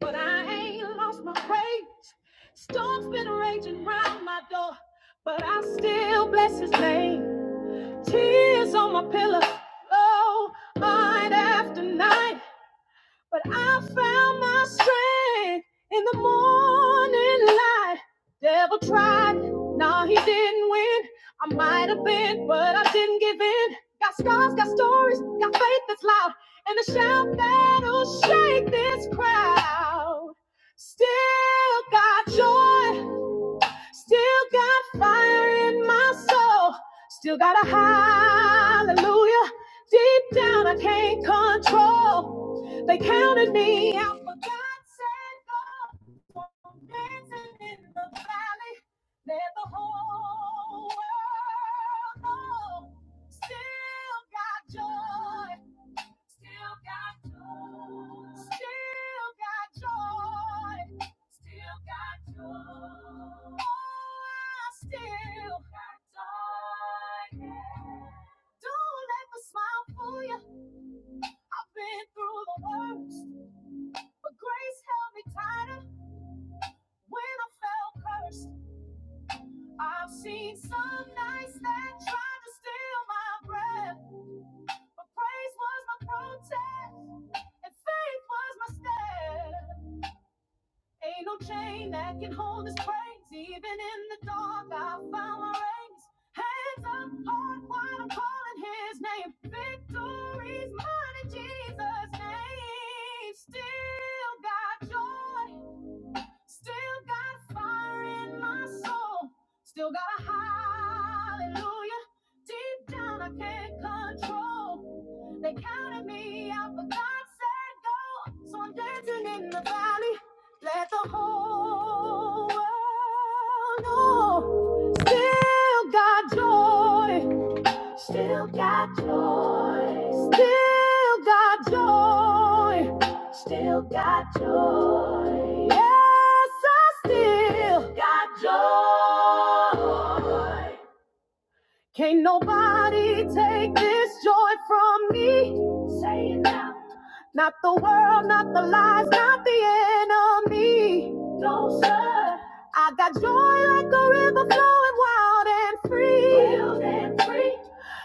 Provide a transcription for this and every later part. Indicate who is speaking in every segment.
Speaker 1: But I ain't lost my praise. Storm's been raging round my door, but I still bless his name. Tears on my pillow, oh, night after night. But I found my strength in the morning light. Devil tried, no, he didn't win. I might have been, but I didn't give in. Got scars, got stories, got faith that's loud, and a shout that'll shake this crowd. Still got joy. Still got fire in my soul. Still got a hallelujah. Deep down, I can't control. They counted me out, but God said, Go. One dancing in the valley. Let the whole world know. Still got joy. Still got joy. Still got joy. Still got joy. Oh, I still got joy. Yeah. Don't let the smile fool you. I've been through the worst, but grace held me tighter when I felt cursed. I've seen some nights that tried to steal my breath, but praise was my protest and faith was my step. Ain't no chain that can hold this praise. Even in the dark, I found my rays. Hands up, heart wide, I'm calling his name. Victory's mine in Jesus' name. Still got joy Still got fire in my soul. Still got a hallelujah. Deep down, I can't control. They counted me out, but God said go. So I'm dancing in the valley. Let the whole world know. Still got joy. Still got joy. Still got joy. Still got joy. Yes, I still got joy. Can't nobody take this joy from me. Say it now. Not the world, not the lies, not the enemy. No, sir. I got joy like a river flowing wild and free. Wild and free.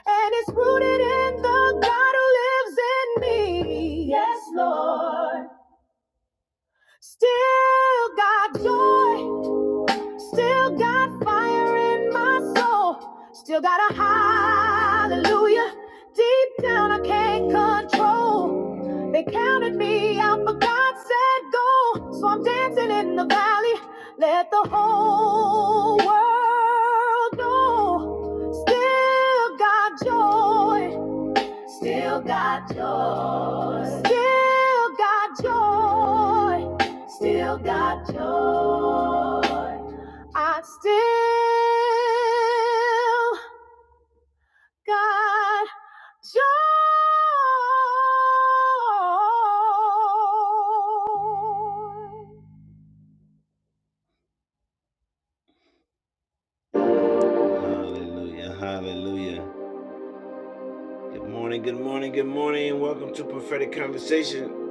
Speaker 1: And it's rooted in the God who lives in me. Yes, Lord. Still got joy. Still got fire in my soul. Still got a hallelujah. Deep down, I can't control. They counted me out, but God said go. So I'm dancing in the valley. Let the whole world know. Still got joy. Still got joy. Still got joy. Still got joy. I still got joy. Hallelujah. Hallelujah. Good morning. Good morning. Good morning. And welcome to Prophetic Conversation.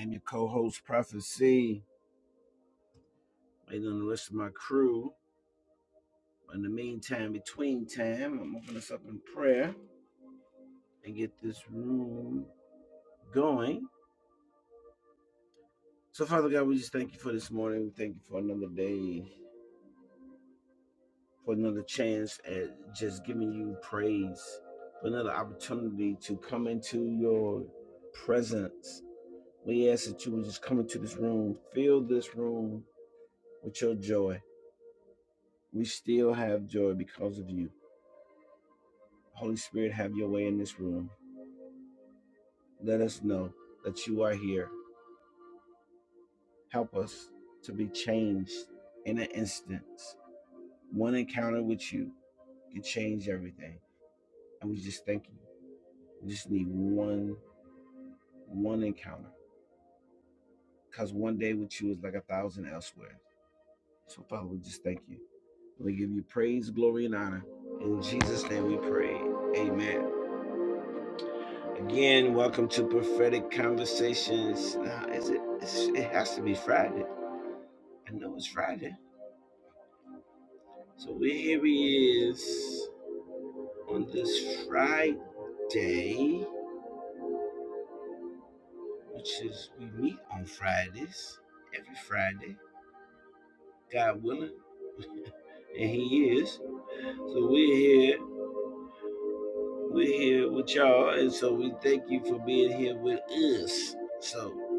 Speaker 1: I'm your co host, Prophet C. Waiting on the rest of my crew. In the meantime, between time, I'm opening us up in prayer and get this room going. So, Father God, we just thank you for this morning. We thank you for another day, for another chance at just giving you praise, for another opportunity to come into your presence. We ask that you would just come into this room, fill this room with your joy. We still have joy because of you. Holy Spirit, have your way in this room. Let us know that you are here Help us to be changed in an instant. One encounter with you can change everything. And we just thank you. We just need one, one encounter. Because one day with you is like a thousand elsewhere. So, Father, we just thank you. We give you praise, glory, and honor. In Jesus' name we pray. Amen. Again, welcome to Prophetic Conversations. Now, is it? It's, it has to be Friday. I know it's Friday. So here he is. on this Friday, which is we meet on Fridays, every Friday, God willing, and He is. So we're here, we're here with y'all, and so we thank you for being here with us. So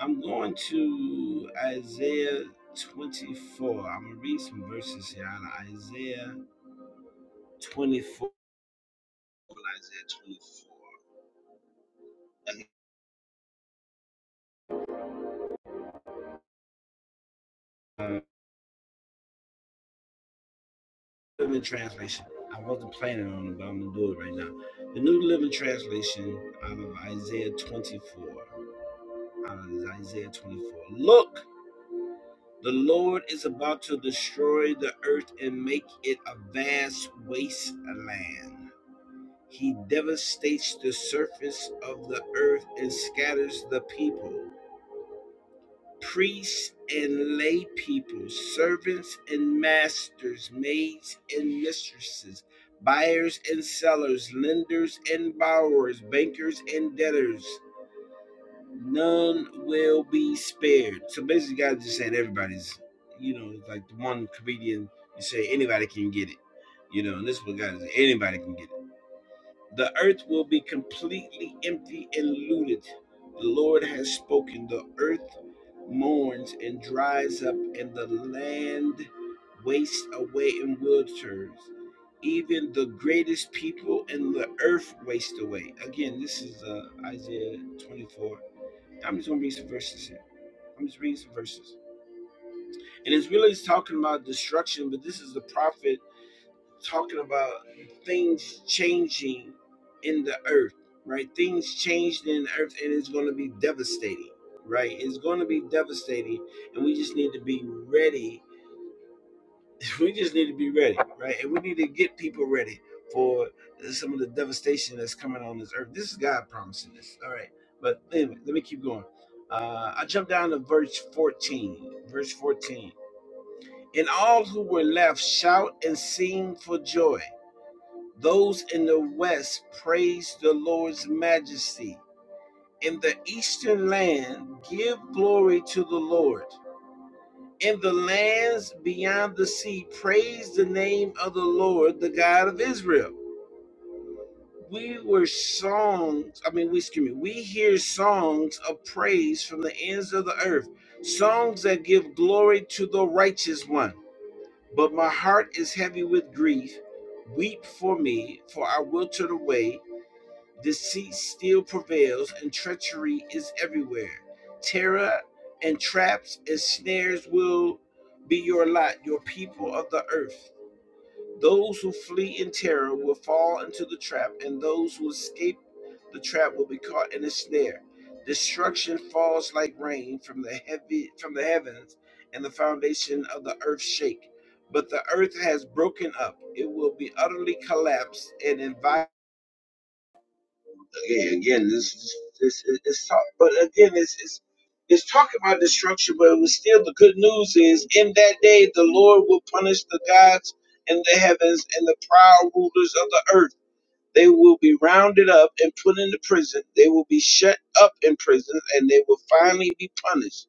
Speaker 1: I'm going to Isaiah 24. I'm gonna read some verses here out of Isaiah 24. Isaiah 24. Uh, Living Translation. I wasn't planning on it, but I'm gonna do it right now. The New Living Translation out of Isaiah 24. Out of Isaiah 24. Look, the Lord is about to destroy the earth and make it a vast wasteland. He devastates the surface of the earth and scatters the people. priests and lay people, servants and masters, maids and mistresses, buyers and sellers, lenders and borrowers, bankers and debtors. None will be spared. So basically, God just said everybody's, you know, like the one comedian, you say anybody can get it. You know, and this is what God is anybody can get it. The earth will be completely empty and looted. The Lord has spoken. The earth mourns and dries up, and the land wastes away in wilderness. Even the greatest people in the earth waste away. Again, this is uh, Isaiah 24. I'm just going to read some verses here. I'm just reading some verses. And it's really talking about destruction, but this is the prophet talking about things changing in the earth, right? Things changed in the earth and it's going to be devastating, right? It's going to be devastating and we just need to be ready. We just need to be ready, right? And we need to get people ready for some of the devastation that's coming on this earth. This is God promising this, all right? But anyway, let me keep going. Uh, I jump down to verse 14. Verse 14. And all who were left shout and sing for joy those in the west praise the Lord's majesty. In the eastern land, give glory to the Lord. In the lands beyond the sea, praise the name of the Lord, the God of Israel. We were songs, I mean, we, excuse me, we hear songs of praise from the ends of the earth, songs that give glory to the righteous one. But my heart is heavy with grief. Weep for me, for I will turn away Deceit still prevails and treachery is everywhere. Terror and traps and snares will be your lot, your people of the earth. Those who flee in terror will fall into the trap, and those who escape the trap will be caught in a snare. Destruction falls like rain from the heavy from the heavens, and the foundation of the earth shake. But the earth has broken up; it will be utterly collapsed and inviolate again, again, this, this, this it's talk, but again, it's, it's it's talking about destruction, but it was still the good news is in that day the Lord will punish the gods in the heavens and the proud rulers of the earth. They will be rounded up and put into prison. They will be shut up in prison, and they will finally be punished.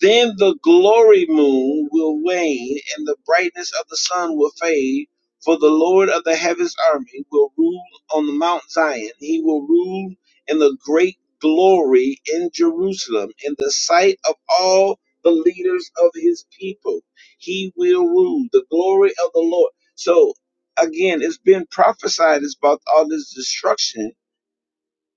Speaker 1: Then the glory moon will wane, and the brightness of the sun will fade. For the Lord of the heavens' army will rule on the Mount Zion. He will rule in the great glory in Jerusalem, in the sight of all the leaders of his people. He will rule the glory of the Lord. So, again, it's been prophesied about all this destruction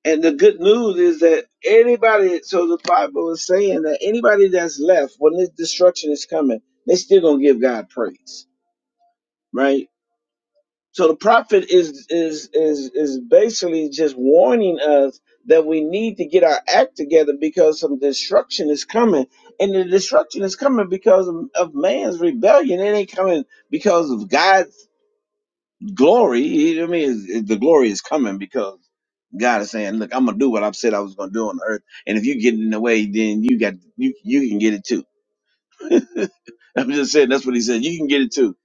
Speaker 1: and the good news is that anybody, so the Bible is saying that anybody that's left when this destruction is coming, they still gonna give God praise, right? So the prophet is is is is basically just warning us that we need to get our act together because some destruction is coming, and the destruction is coming because of, of man's rebellion. It ain't coming because of God glory. I mean, is- the glory is coming because God is saying, "Look, I'm gonna do what I've said I was gonna do on earth, and if you get in the way, then you got you you can get it too." I'm just saying that's what He said. You can get it too.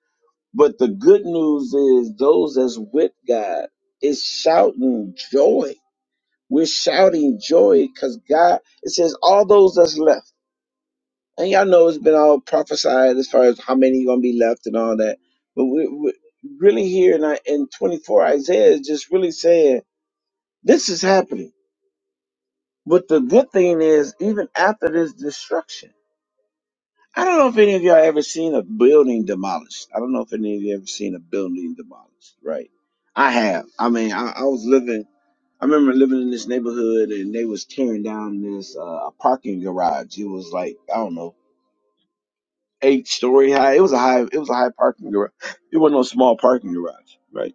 Speaker 1: But the good news is those that's with God is shouting joy. We're shouting joy because God. It says all those that's left. And y'all know it's been all prophesied as far as how many gonna be left and all that. But we, we really here in, I- in 24, Isaiah is just really saying this is happening. But the good thing is, even after this destruction, I don't know if any of y'all ever seen a building demolished. I don't know if any of you ever seen a building demolished, right? I have. I mean, I, I was living. I remember living in this neighborhood, and they was tearing down this uh, parking garage. It was like I don't know eight story high. It was a high. It was a high parking garage. It wasn't no small parking garage, right?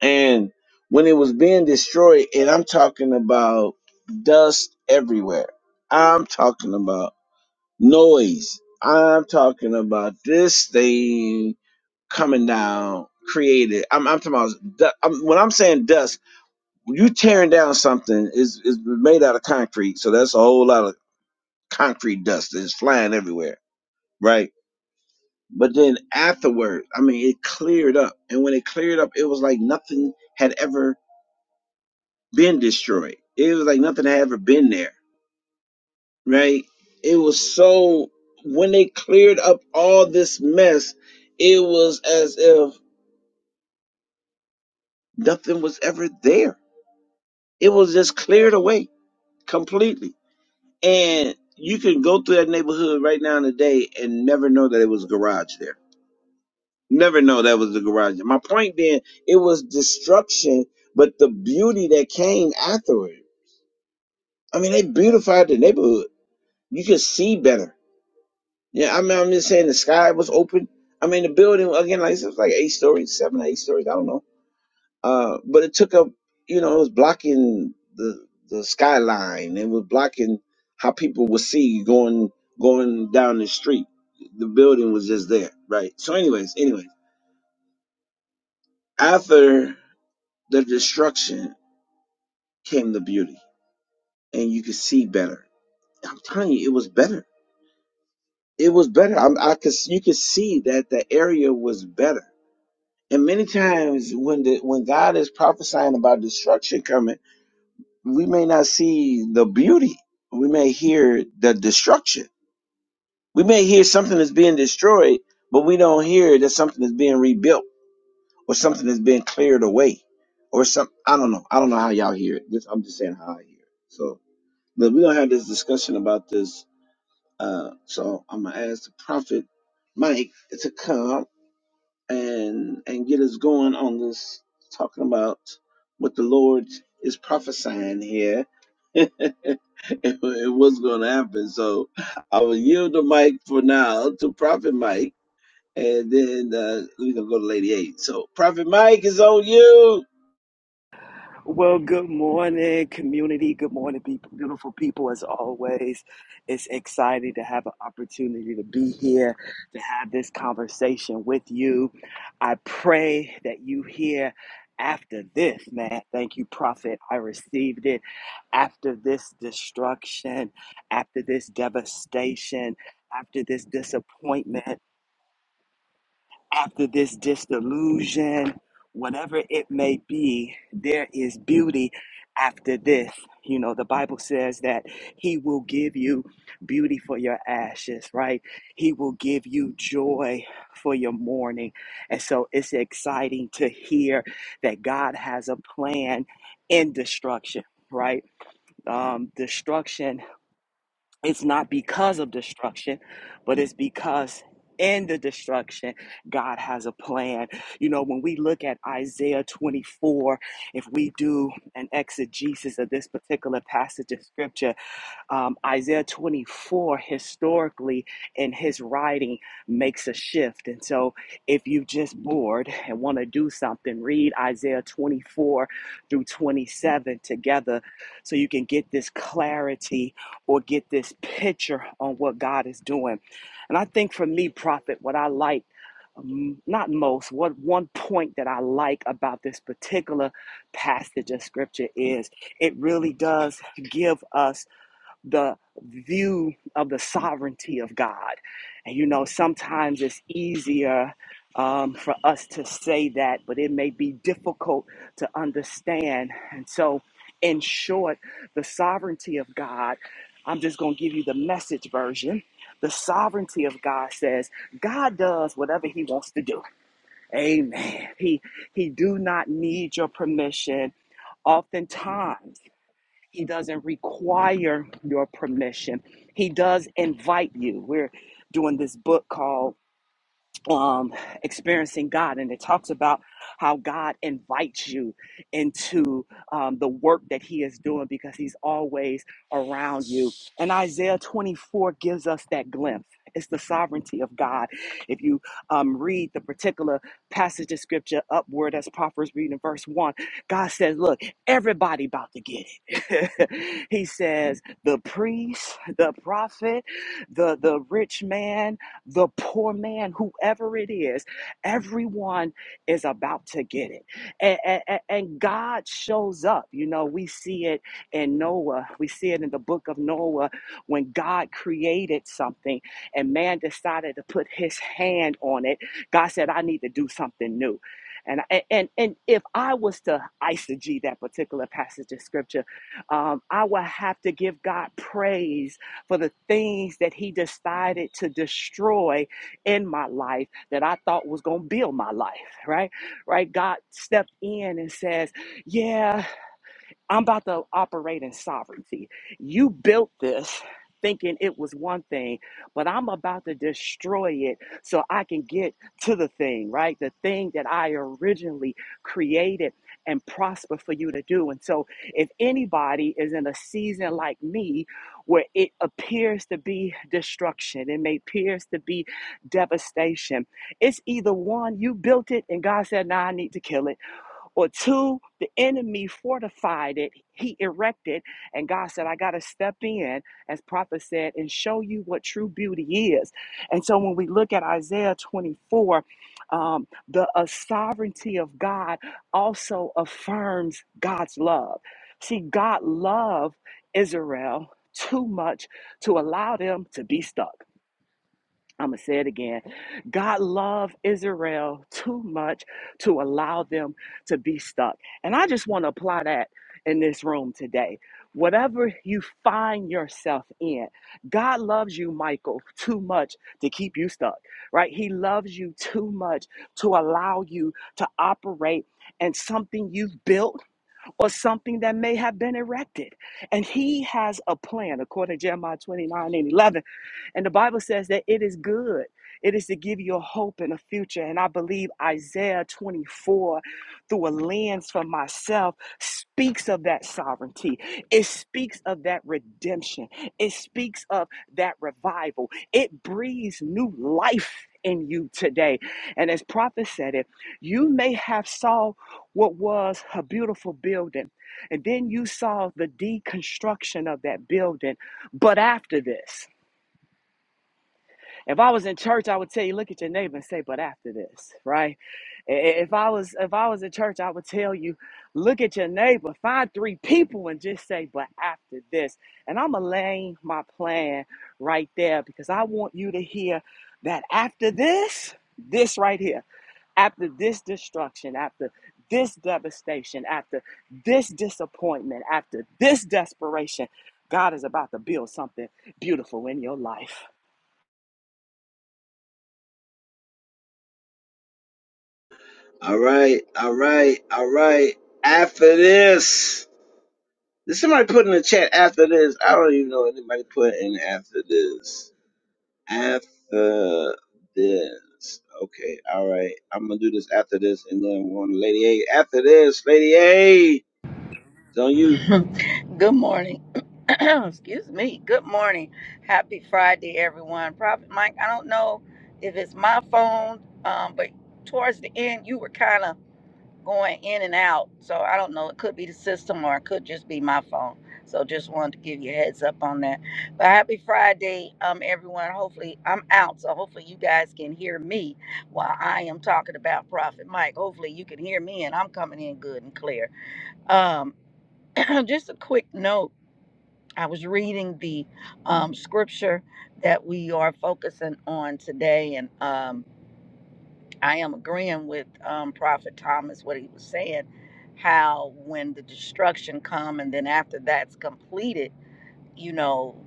Speaker 1: And when it was being destroyed, and I'm talking about dust everywhere. I'm talking about noise. I'm talking about this thing coming down, created. I'm, I'm talking about du- I'm, when I'm saying dust. You tearing down something is is made out of concrete, so that's a whole lot of concrete dust that's flying everywhere, right? But then afterward, I mean, it cleared up. And when it cleared up, it was like nothing had ever been destroyed. It was like nothing had ever been there, right? It was so, when they cleared up all this mess, it was as if nothing was ever there. It was just cleared away completely. And you can go through that neighborhood right now in the day and never know that it was a garage there Never know that was the garage. My point being, it was destruction, but the beauty that came after it. I mean, they beautified the neighborhood. You could see better. Yeah, I mean, I'm just saying the sky was open. I mean, the building again, like I said, it was like eight stories, seven, eight stories. I don't know. Uh, but it took up, you know, it was blocking the the skyline. It was blocking how people would see going going down the street. The building was just there, right? So, anyways, anyways, after the destruction. came the beauty and you could see better i'm telling you it was better it was better I'm, i could you could see that the area was better and many times when the when god is prophesying about destruction coming we may not see the beauty we may hear the destruction we may hear something that's being destroyed but we don't hear that something is being rebuilt or something that's being cleared away or some i don't know i don't know how y'all hear it This- i'm just saying how i hear it so but we're gonna have this discussion about this Uh, so I'm gonna ask the prophet Mike to come up and and get us going on this talking about what the Lord is prophesying here. it, it was gonna happen. So I will yield the mic for now to Prophet Mike and then uh, we can go to Lady Eight. So Prophet Mike is on you.
Speaker 2: Well, good morning, community. Good morning, people, beautiful people. As always, it's exciting to have an opportunity to be here to have this conversation with you. I pray that you hear after this, man. Thank you, Prophet. I received it after this destruction, after this devastation, after this disappointment after this disillusion, whatever it may be, there is beauty after this. You know, the Bible says that He will give you beauty for your ashes, right? He will give you joy for your mourning. And so it's exciting to hear that God has a plan in destruction, right? Um, destruction it's not because of destruction, but it's because in the destruction, God has a plan. You know, when we look at Isaiah 24, if we do an exegesis of this particular passage of scripture, um, Isaiah 24, historically, in his writing, makes a shift. And so, if you're just bored and want to do something, read Isaiah 24 through 27 together so you can get this clarity or get this picture on what God is doing. And I think for me, Prophet, what I like m- not most, what one point that I like about this particular passage of scripture is it really does give us the view of the sovereignty of God. And you know, sometimes it's easier um, for us to say that, but it may be difficult to understand. And so, in short, the sovereignty of God, I'm just going to give you the message version. The sovereignty of God says God does whatever he wants to do. Amen. He he do not need your permission. Oftentimes he doesn't require your permission. He does invite you. We're doing this book called um, experiencing God, and it talks about how God invites you into um, the work that He is doing because He's always around you. And Isaiah 24 gives us that glimpse. It's the sovereignty of God. If you um, read the particular passage of scripture upward, as Proverbs reading verse 1, God says, Look, everybody about to get it. he says, The priest, the prophet, the, the rich man, the poor man, whoever it is, everyone is about to get it. And, and, and God shows up. You know, we see it in Noah, we see it in the book of Noah when God created something and man decided to put his hand on it. God said, I need to do something new. And, and and if I was to eisegete that particular passage of scripture, um, I would have to give God praise for the things that He decided to destroy in my life that I thought was going to build my life, right? Right? God stepped in and says, Yeah. I'm about to operate in sovereignty. You built this thinking it was one thing, but I'm about to destroy it so I can get to the thing, right? The thing that I originally created and prosper for you to do. And so, if anybody is in a season like me where it appears to be destruction, it may appears to be devastation, it's either one, you built it and God said, "Nah, I need to kill it." or two, the enemy fortified it, he erected, and God said, I got to step in, as prophet said, and show you what true beauty is. And so when we look at Isaiah 24, um, the uh, sovereignty of God also affirms God's love. See, God loved Israel too much to allow them to be stuck. I'm going to say it again. God loved Israel too much to allow them to be stuck. And I just want to apply that in this room today. Whatever you find yourself in, God loves you, Michael, too much to keep you stuck, right? He loves you too much to allow you to operate in something you've built or something that may have been erected. And He has a plan, according to Jeremiah 29 and 11 and the Bible says that it is good. It is to give you a hope and a future. And I believe Isaiah 24, through a lens for myself, speaks of that sovereignty. It speaks of that redemption. It speaks of that revival. It breathes new life in you today. And as prophet said it, you may have saw what was a beautiful building, and then you saw the deconstruction of that building. But after this, if I was in church, I would tell you, look at your neighbor and say, but after this, right? If I was if I was in church, I would tell you, look at your neighbor, find three people and just say, but after this. And I'm gonna lay my plan right there because I want you to hear that after this, this right here, after this destruction, after this devastation, after this disappointment, after this desperation, God is about to build something beautiful in your life.
Speaker 1: All right, all right, all right. After this. Did somebody put in the chat after this? I don't even know anybody put in after this. After this. Okay, all right. I'm gonna do this after this and then one Lady A. After this, Lady A. It's on you.
Speaker 3: Good morning. Excuse me. Good morning. Happy Friday, everyone. Prophet Mike, I don't know if it's my phone, um, but towards the end, you were kind of going in and out. So I don't know. It could be the system or it could just be my phone. So just wanted to give you a heads up on that. But happy Friday, um, everyone. Hopefully, I'm out. So hopefully, you guys can hear me while I am talking about Prophet Mike. Hopefully, you can hear me and I'm coming in good and clear. Um, just a quick note. I was reading the um, scripture that we are focusing on today, and um, I am agreeing with um, Prophet Thomas what he was saying. How when the destruction come, and then after that's completed, you know,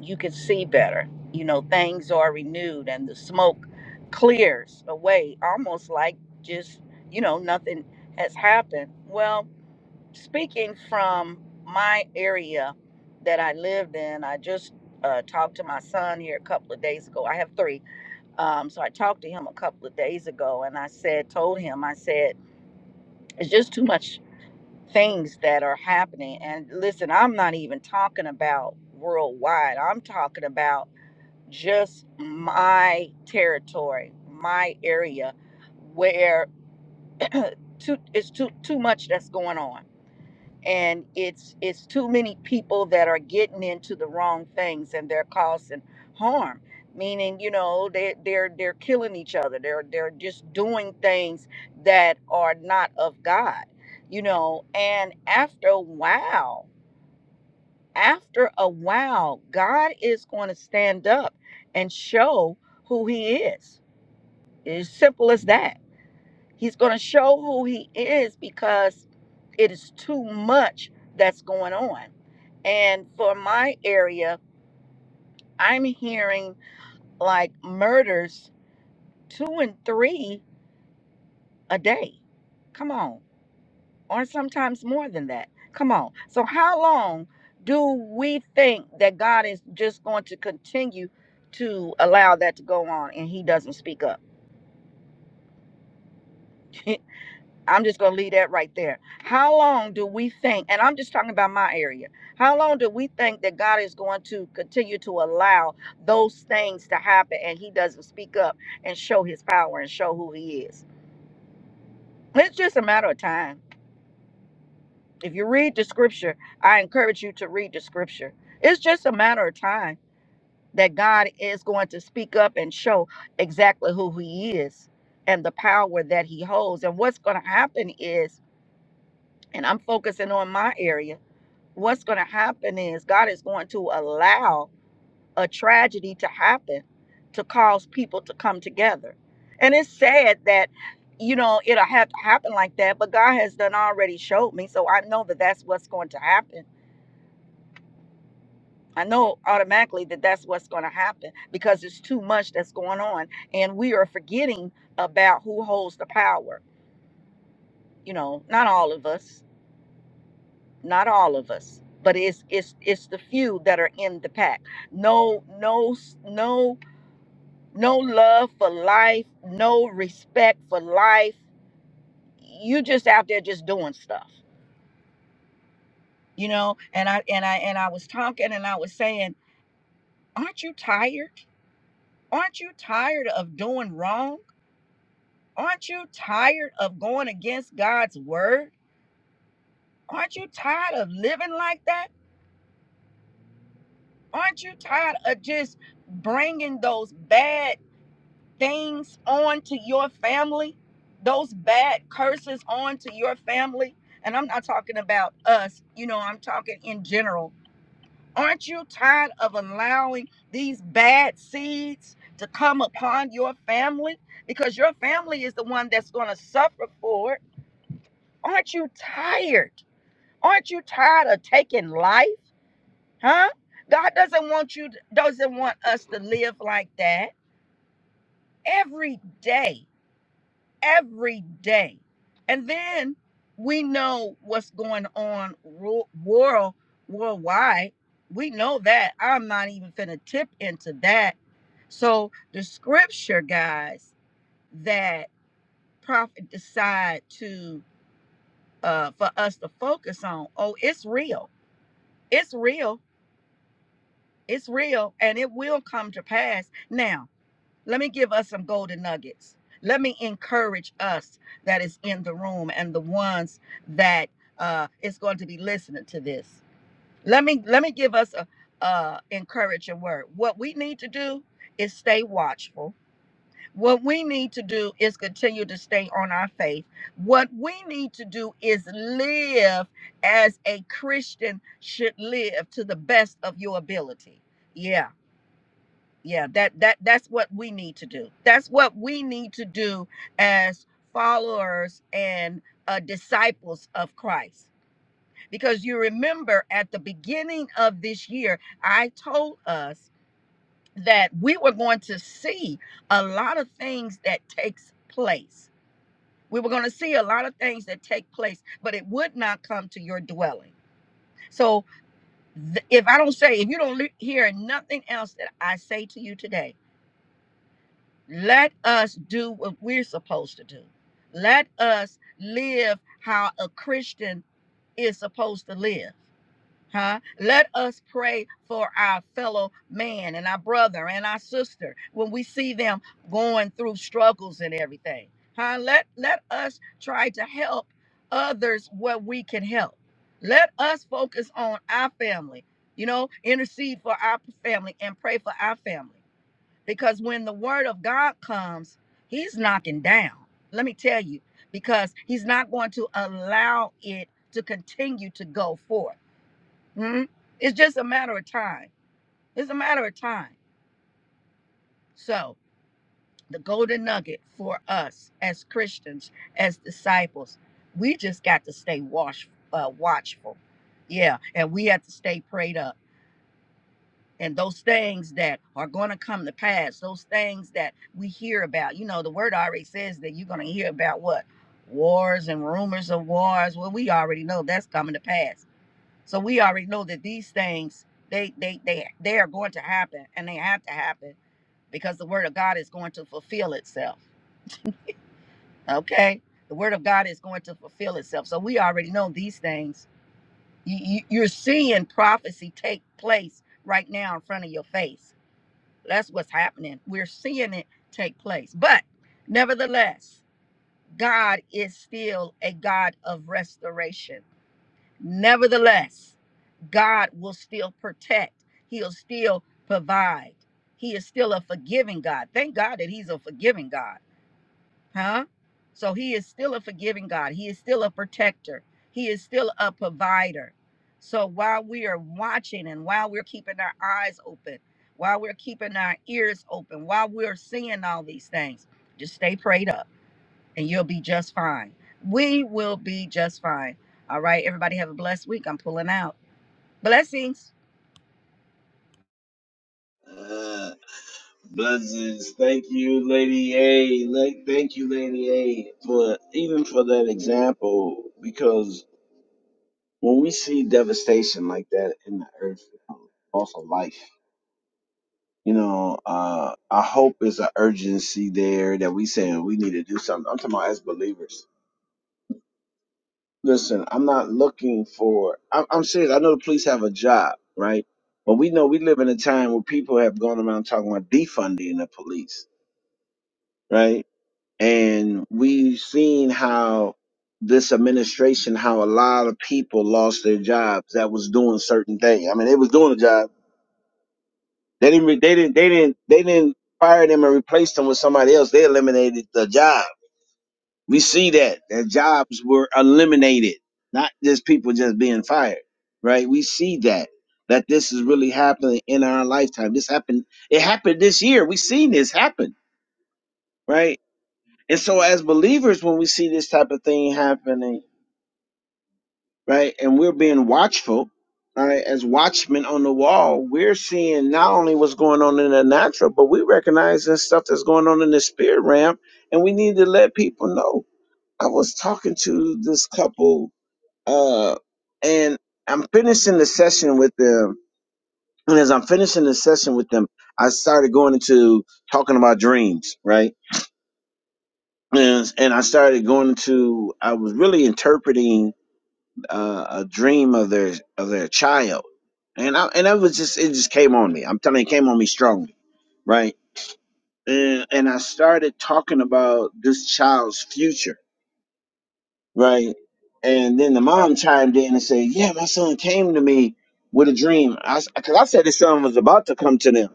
Speaker 3: you can see better. You know, things are renewed, and the smoke clears away, almost like just you know nothing has happened. Well, speaking from my area that I lived in, I just uh, talked to my son here a couple of days ago. I have three. Um, so I talked to him a couple of days ago and I said, told him, I said, it's just too much things that are happening. And listen, I'm not even talking about worldwide, I'm talking about just my territory, my area where too, it's too, too much that's going on and it's it's too many people that are getting into the wrong things and they're causing harm meaning you know they they're they're killing each other they're they're just doing things that are not of god you know and after a while after a while god is going to stand up and show who he is it's simple as that He's going to show who he is because it is too much that's going on. And for my area, I'm hearing like murders two and three a day. Come on. Or sometimes more than that. Come on. So, how long do we think that God is just going to continue to allow that to go on and he doesn't speak up? I'm just going to leave that right there. How long do we think, and I'm just talking about my area, how long do we think that God is going to continue to allow those things to happen and He doesn't speak up and show His power and show who He is? It's just a matter of time. If you read the scripture, I encourage you to read the scripture. It's just a matter of time that God is going to speak up and show exactly who He is and the power that He holds. And what's going to happen is, and I'm focusing on my area what's going to happen is God is going to allow a tragedy to happen to cause people to come together. And it's sad that, you know, it'll have to happen like that, but God has done already showed me. So I know that that's what's going to happen. I know automatically that that's what's going to happen because it's too much that's going on. And we are forgetting about who holds the power, you know, not all of us not all of us but it's it's it's the few that are in the pack no no no no love for life no respect for life you just out there just doing stuff you know and i and i and i was talking and i was saying aren't you tired aren't you tired of doing wrong aren't you tired of going against god's word aren't you tired of living like that aren't you tired of just bringing those bad things onto your family, those bad curses onto your family, and I'm not talking about us, you know, I'm talking in general. Aren't you tired of allowing these bad seeds to come upon your family? Because your family is the one that's going to suffer for it. Aren't you tired? Aren't you tired of taking life? Huh? God doesn't want you doesn't want us to live like that every day. every day. And then we know what's going on world worldwide. We know that. I'm not even finna tip into that. So the scripture, guys, that prophet decide to uh for us to focus on, oh, it's real. It's real. It's real and it will come to pass. Now Let me give us some golden nuggets. Let me encourage us that is in the room and the ones that uh, is going to be listening to this. Let me let me give us a, a encouraging word. What we need to do is stay watchful. What we need to do is continue to stay on our faith. What we need to do is live as a Christian should live to the best of your ability. Yeah yeah that that that's what we need to do that's what we need to do as followers and uh, disciples of christ because you remember at the beginning of this year i told us that we were going to see a lot of things that takes place we were going to see a lot of things that take place but it would not come to your dwelling so th- if i don't say if you don't le- hear nothing else that i say to you today Let us do what we're supposed to do. Let us live how a Christian is supposed to live. Huh? Let us pray for our fellow man and our brother and our sister when we see them going through struggles and everything. Huh? Let let us try to help others where we can help. Let us focus on our family, you know, intercede for our family and pray for our family because when the word of God comes, he's knocking down. Let me tell you, because he's not going to allow it to continue to go forth. Hmm? It's just a matter of time. It's a matter of time. So, the golden nugget for us as Christians, as disciples, we just got to stay watch, uh, watchful. Yeah, and we have to stay prayed up and those things that are going to come to pass, those things that we hear about. You know, the word already says that you're going to hear about what? Wars and rumors of wars. Well, we already know that's coming to pass. So we already know that these things they they they they are going to happen and they have to happen because the word of God is going to fulfill itself. Okay? The word of God is going to fulfill itself. So we already know these things. You, you, you're seeing prophecy take place right now in front of your face That's what's happening. We're seeing it take place. But nevertheless, God is still a God of restoration. Nevertheless, God will still protect, He'll still provide. He is still a forgiving God. Thank God that He's a forgiving God huh? So he is still a forgiving God. He is still a protector. He is still a provider. So while we are watching and while we're keeping our eyes open, while we're keeping our ears open, while we're seeing all these things, just stay prayed up and you'll be just fine. We will be just fine. All right, everybody have a blessed week. I'm pulling out. Blessings.
Speaker 1: Uh, blessings. Thank you, Lady A. Like, thank you, Lady A, for even for that example. Because when we see devastation like that in the earth, loss of life. You know, uh, I hope it's an urgency there that we saying we need to do something. I'm talking about as believers. Listen, I'm not looking for. I'm, I'm serious. I know the police have a job, right? But we know we live in a time where people have gone around talking about defunding the police, right? And we've seen how this administration, how a lot of people lost their jobs that was doing certain things. I mean, they was doing a job They didn't. They didn't. They didn't. They didn't fire them and replace them with somebody else. They eliminated the job. We see that that jobs were eliminated, not just people just being fired. Right? We see that that this is really happening in our lifetime. This happened. It happened this year. We seen this happen. Right? And so as believers, when we see this type of thing happening right? And we're being watchful, all right? As watchmen on the wall, we're seeing not only what's going on in the natural, but we recognize the stuff that's going on in the spirit realm, and we need to let people know. I was talking to this couple, uh, and I'm finishing the session with them. And as I'm finishing the session with them, I started going into talking about dreams, right? And, and I started going into, I was really interpreting uh, a dream of their of their child, and I and I was just it just came on me. I'm telling you, it came on me strongly, right? And and I started talking about this child's future, right? And then the mom chimed in and said, "Yeah, my son came to me with a dream." I because I said his son was about to come to them.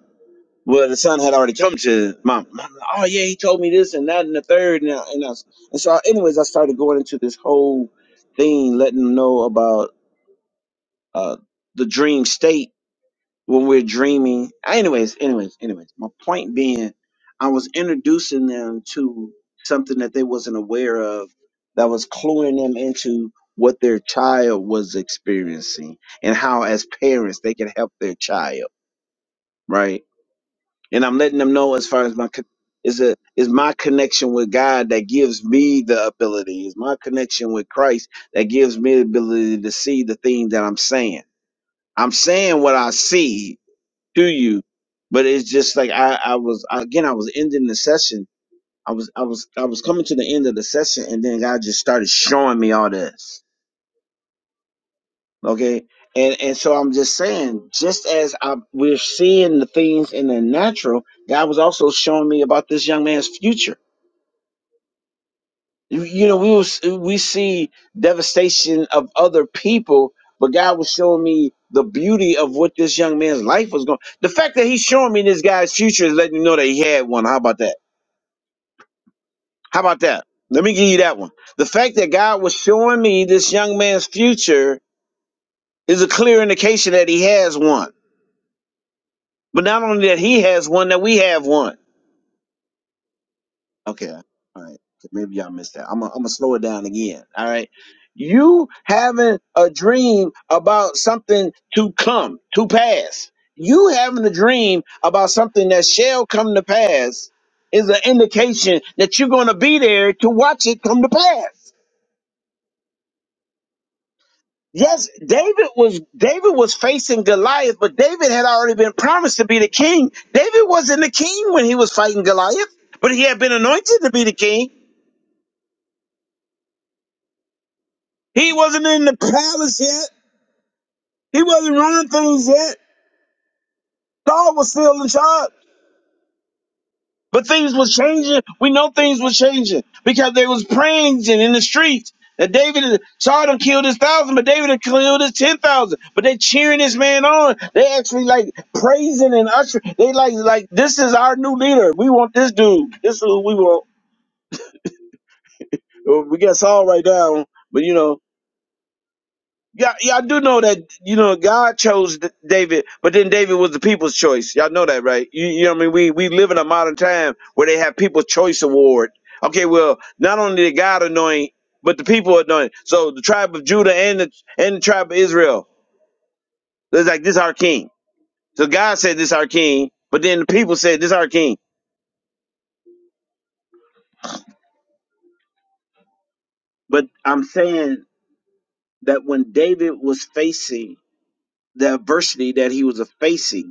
Speaker 1: Well, the son had already come to mom. Mom, Oh yeah, he told me this and that and the third and I, and, I, and so, anyways, I started going into this whole thing, letting them know about uh, the dream state when we're dreaming. Anyways, anyways, anyways. My point being, I was introducing them to something that they wasn't aware of, that was cluing them into what their child was experiencing and how, as parents, they can help their child, right? And I'm letting them know as far as my con- is a is my connection with God that gives me the ability. Is my connection with Christ that gives me the ability to see the thing that I'm saying I'm saying what I see to you, but it's just like I, I was again, I was ending the session. I was I was I was coming to the end of the session and then God just started showing me all this. Okay. And and so I'm just saying, just as I we're seeing the things in the natural, God was also showing me about this young man's future You, you know, we was, we see devastation of other people, but God was showing me the beauty of what this young man's life was going. The fact that he's showing me this guy's future is letting me know that he had one. How about that? How about that? Let me give you that one. The fact that God was showing me this young man's future is a clear indication that he has one. But not only that he has one, that we have one. Okay. All right. So Maybe y'all missed that. I'm going to slow it down again. All right. You having a dream about something to come, to pass. You having a dream about something that shall come to pass is an indication that you're going to be there to watch it come to pass. Yes, David was David was facing Goliath, but David had already been promised to be the king. David wasn't the king when he was fighting Goliath, but he had been anointed to be the king He wasn't in the palace yet. He wasn't running things yet. Saul was still in charge. But things was changing. We know things was changing because they was praying in the streets. That David Saul done killed his thousand, but David done killed his ten thousand. But they cheering this man on. They actually like praising and ushering. They like like this is our new leader. We want this dude. This is who we want. Uh, We got Saul right now, but you know Yeah, y'all do know that you know God chose D- David, but then David was the people's choice. Y'all know that, right? You, you know what I mean? We we live in a modern time where they have People's Choice Award. Okay, well, not only did God anoint, but the people anoint. So the tribe of Judah and the and the tribe of Israel. It's like this our king. So God said this our king, but then the people said this our king. But I'm saying that when David was facing the adversity that he was facing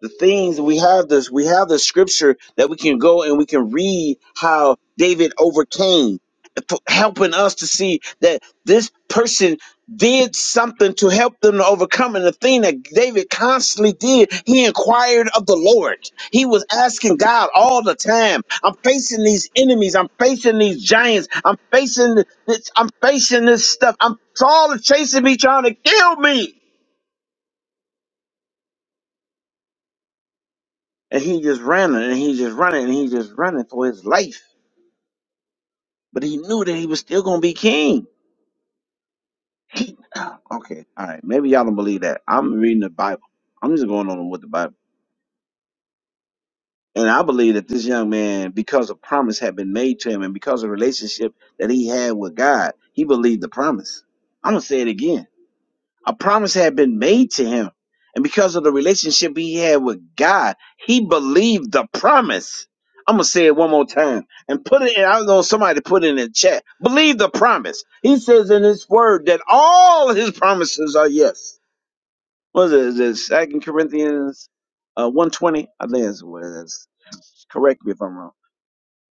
Speaker 1: the things we have this we have the scripture that we can go and we can read how david overcame p- helping us to see that this person did something to help them to overcome and the thing that david constantly did he inquired of the lord he was asking god all the time i'm facing these enemies i'm facing these giants i'm facing this i'm facing this stuff i'm all chasing me trying to kill me And he just running and he just running and he just running for his life. But he knew that he was still gonna be king. He- okay, all right. Maybe y'all don't believe that. I'm reading the Bible. I'm just going on with the Bible. And I believe that this young man, because a promise had been made to him and because of the relationship that he had with God, he believed the promise. I'm gonna say it again A promise had been made to him. And because of the relationship he had with God, he believed the promise. I'm going to say it one more time and put it in. I know somebody put it in the chat. Believe the promise. He says in his word that all his promises are yes. What is it? Is it Second Corinthians uh, 120? I think that's what it is correct me if I'm wrong.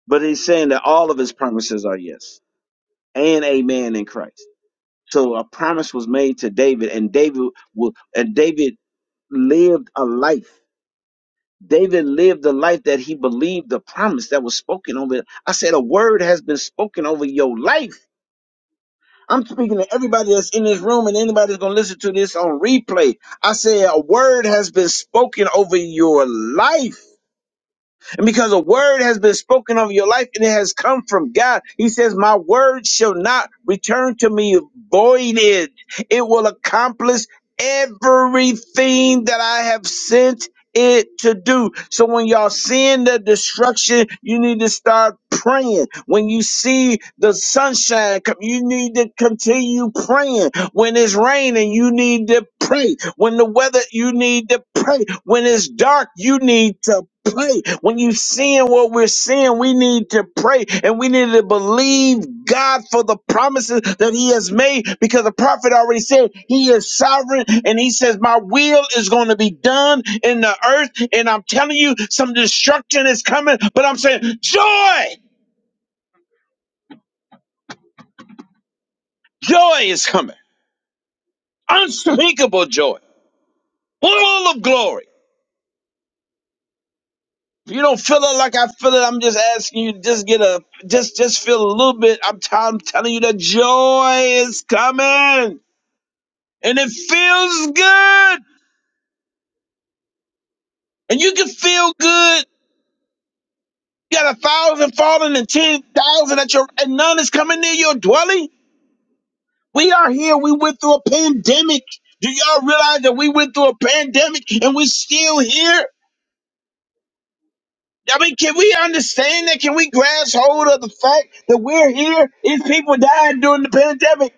Speaker 1: But he's saying that all of his promises are yes and amen in Christ. So a promise was made to David, and David will, and David lived a life. David lived the life that he believed the promise that was spoken over. it. I said, a word has been spoken over your life. I'm speaking to everybody that's in this room and anybody that's going to listen to this on replay. I said, a word has been spoken over your life. And because a word has been spoken over your life and it has come from God, He says, My word shall not return to me voided. It will accomplish everything that I have sent it to do. So when y'all seeing the destruction, you need to start praying. When you see the sunshine come, you need to continue praying. When it's raining, you need to pray. When the weather, you need to pray. When it's dark, you need to pray. When you seeing what we're seeing, we need to pray and we need to believe God for the promises that He has made because the prophet already said He is sovereign and He says, My will is going to be done in the earth. And I'm telling you, some destruction is coming, but I'm saying, Joy, joy is coming, unspeakable joy, full of glory. If you don't feel it like I feel it, I'm just asking you, just get a, just, just feel a little bit. I'm, t- I'm telling you that joy is coming and it feels good and you can feel good. You got a thousand falling and 10,000 at your, and none is coming near your dwelling. We are here. We went through a pandemic. Do y'all realize that we went through a pandemic and we're still here? I mean, can we understand that? Can we grasp hold of the fact that we're here? These people died during the pandemic.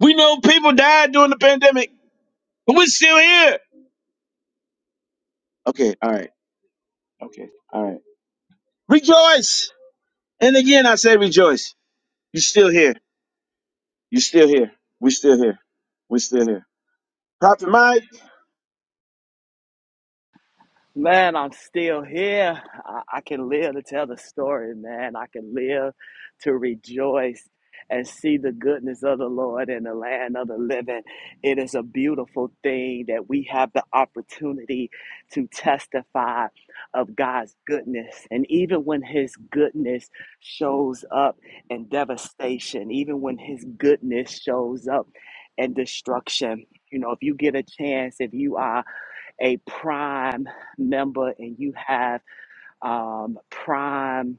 Speaker 1: We know people died during the pandemic, but we're still here. Okay, all right. Okay, all right. Rejoice. And again, I say rejoice. You're still here. You're still here. We're still here. We're still here. Prophet Mike?
Speaker 2: Man, I'm still here. I, I can live to tell the story, man. I can live to rejoice and see the goodness of the Lord in the land of the living. It is a beautiful thing that we have the opportunity to testify of God's goodness. And even when His goodness shows up in devastation, even when His goodness shows up in destruction, you know, if you get a chance, if you are a prime member and you have um, prime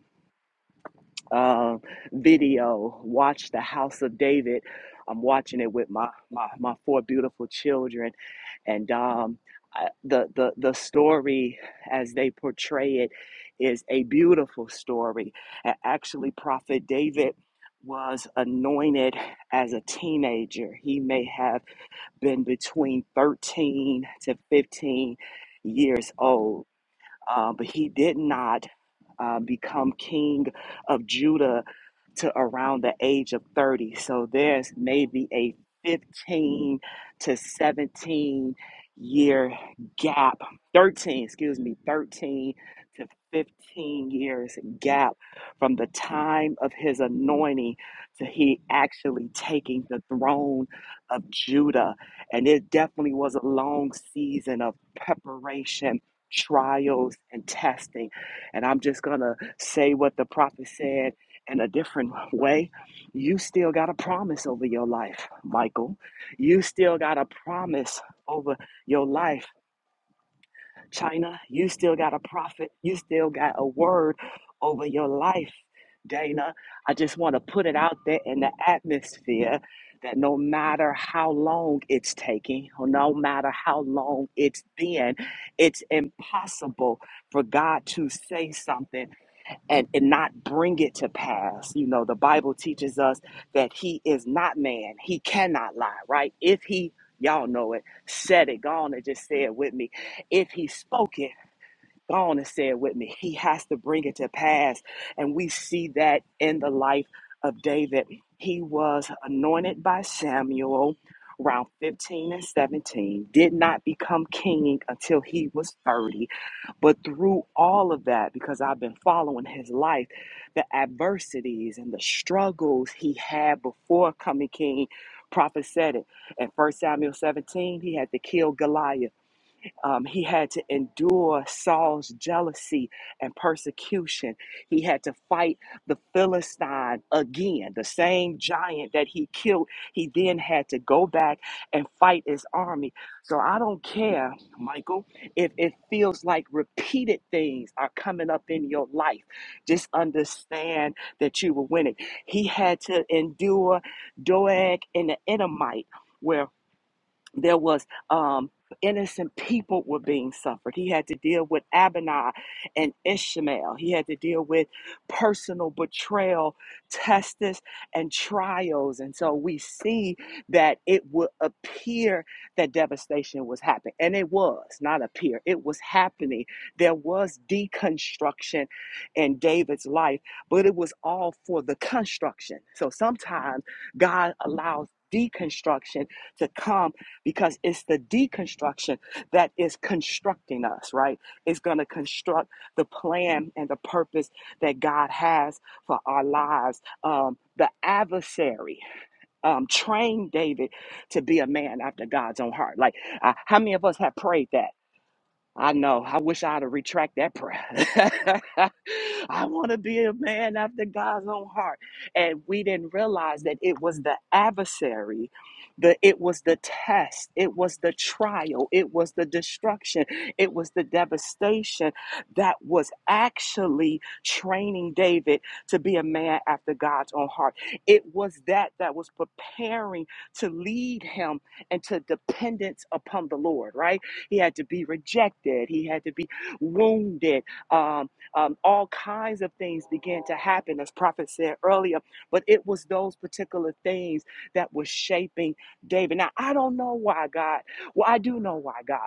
Speaker 2: uh, video watch the house of david i'm watching it with my my, my four beautiful children and um, I- the, the the story as they portray it is a beautiful story and actually prophet david was anointed as a teenager he may have been between 13 to 15 years old uh, but he did not uh, become king of Judah to around the age of 30. So there's maybe a 15 to 17 year gap, 13, excuse me, 13 to 15 years gap from the time of his anointing to he actually taking the throne of Judah. And it definitely was a long season of preparation. Trials and testing. And I'm just going to say what the prophet said in a different way, you still got a promise over your life, Michael. You still got a promise over your life, China. You still got a prophet. You still got a word over your life, Dana. I just want to put it out there in the atmosphere that no matter how long it's taking, or no matter how long it's been, it's impossible for God to say something and, and not bring it to pass. You know, the Bible teaches us that he is not man. He cannot lie, right? If he, y'all know it, said it, go on and just say it with me. If he spoke it, go on and say it with me. He has to bring it to pass. And we see that in the life of David. He was anointed by Samuel around 15 and 17, did not become king until he was 30 but through all of that, because I've been following his life, the adversities and the struggles he had before coming king, prophet said it. In First Samuel 17, he had to kill Goliath. Um, he had to endure Saul's jealousy and persecution. He had to fight the Philistine again, the same giant that he killed. He then had to go back and fight his army. So I don't care, Michael, if it feels like repeated things are coming up in your life. Just understand that you were winning. He had to endure Doeg and the Edomite. Where there was um innocent people were being suffered he had to deal with abinah and ishmael he had to deal with personal betrayal tests and trials and so we see that it would appear that devastation was happening and it was not appear it was happening there was deconstruction in david's life but it was all for the construction so sometimes god allows deconstruction to come because it's the deconstruction that is constructing us, right? It's going to construct the plan and the purpose that God has for our lives. Um, the adversary um, trained David to be a man after God's own heart. Like, uh, how many of us have prayed that? I know. I wish I'd have retract that prayer. I want to be a man after God's own heart. And we didn't realize that it was the adversary, the it was the test, it was the trial, it was the destruction, it was the devastation that was actually training David to be a man after God's own heart. It was that that was preparing to lead him into dependence upon the Lord, right? He had to be rejected. He had to be wounded. Um, um, all kinds of things began to happen, as Prophet said earlier. But it was those particular things that were shaping David. Now, I don't know why God. Well, I do know why God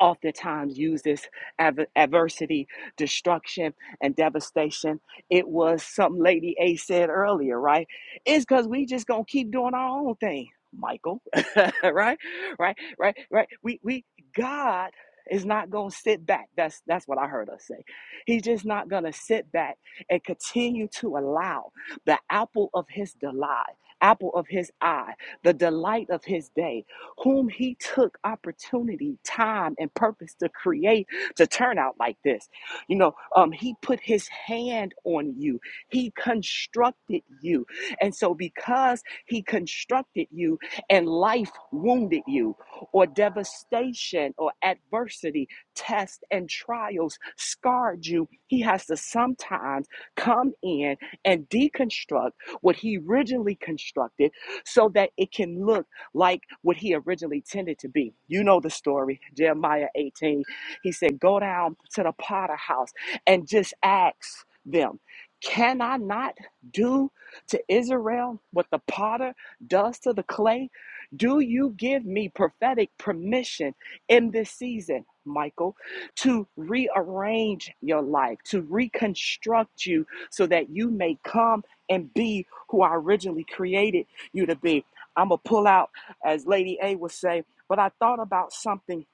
Speaker 2: oftentimes used as adver- adversity, destruction, and devastation. It was something Lady A said earlier, right? It's because we just gonna keep doing our own thing, Michael. right, right, right, right. We we God is not gonna sit back. That's that's what I heard us say. He's just not gonna sit back and continue to allow the apple of His delight, apple of His eye, the delight of His day whom he took opportunity, time, and purpose to create to turn out like this. You know, um, he put his hand on you, he constructed you. And so, because he constructed you and life wounded you, or devastation or adversity, tests and trials scarred you, he has to sometimes come in and deconstruct what he originally constructed so that it can look like what he originally tended to be. You know the story, Jeremiah 18. He said, Go down to the potter house and just ask them, Can I not do to Israel what the potter does to the clay? Do you give me prophetic permission in this season, Michael, to rearrange your life, to reconstruct you so that you may come and be who I originally created you to be? I'm going to pull out as Lady A would say. But I thought about something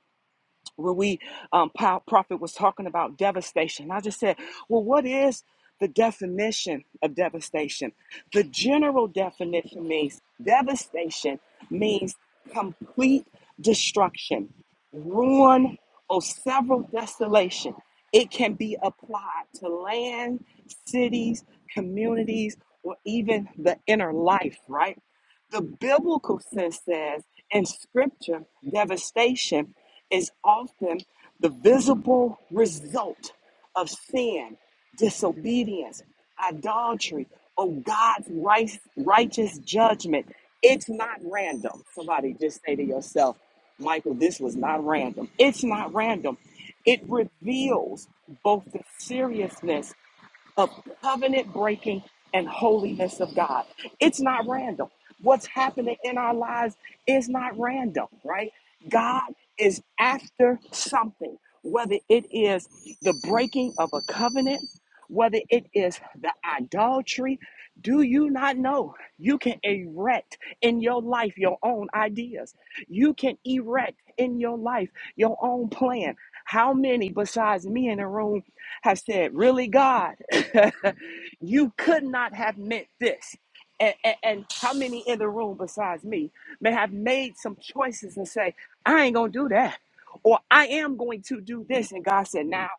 Speaker 2: when we, um, Pa- Prophet was talking about devastation. I just said, well, what is the definition of devastation? The general definition means devastation means complete destruction, ruin, or several desolation. It can be applied to land, cities, communities, or even the inner life, right? The biblical sense says in scripture, devastation is often the visible result of sin, disobedience, idolatry, or God's right, righteous judgment. It's not random. Somebody just say to yourself, Michael, this was not random. It's not random. It reveals both the seriousness of covenant breaking and holiness of God. It's not random. What's happening in our lives is not random, right? God is after something, whether it is the breaking of a covenant, whether it is the idolatry. Do you not know you can erect in your life your own ideas? You can erect in your life your own plan. How many besides me in the room have said, Really, God, you could not have meant this. And, and, and how many in the room besides me may have made some choices and say, I ain't going to do that. Or I am going to do this. And God said, Now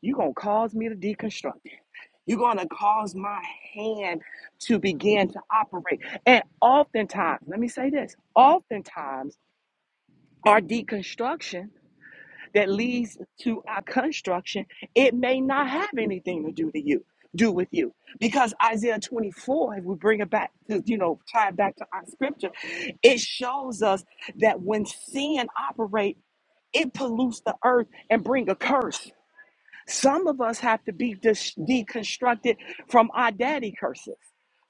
Speaker 2: you're going to cause me to deconstruct it. You're going to cause my hand to begin to operate. And oftentimes, let me say this oftentimes, our deconstruction that leads to our construction, it may not have anything to do to you, do with you. Because Isaiah 24, if we bring it back to, you know, tie it back to our scripture, it shows us that when sin operates, it pollutes the earth and bring a curse. Some of us have to be dis- deconstructed from our daddy curses,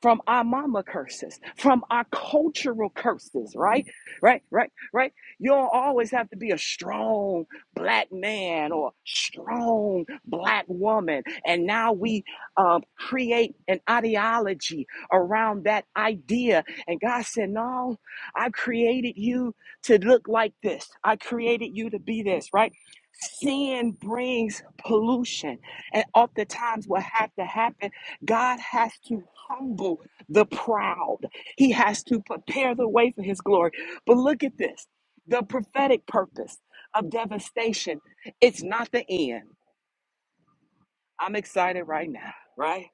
Speaker 2: from our mama curses, from our cultural curses, right? Right, right, right. You don't always have to be a strong black man or strong black woman. And now we um, create an ideology around that idea. And God said, No, I created you to look like this. I created you to be this, right? Sin brings pollution. And oftentimes, what has to happen, God has to humble the proud, He has to prepare the way for His glory. But look at this the prophetic purpose of devastation, it's not the end. I'm excited right now, right?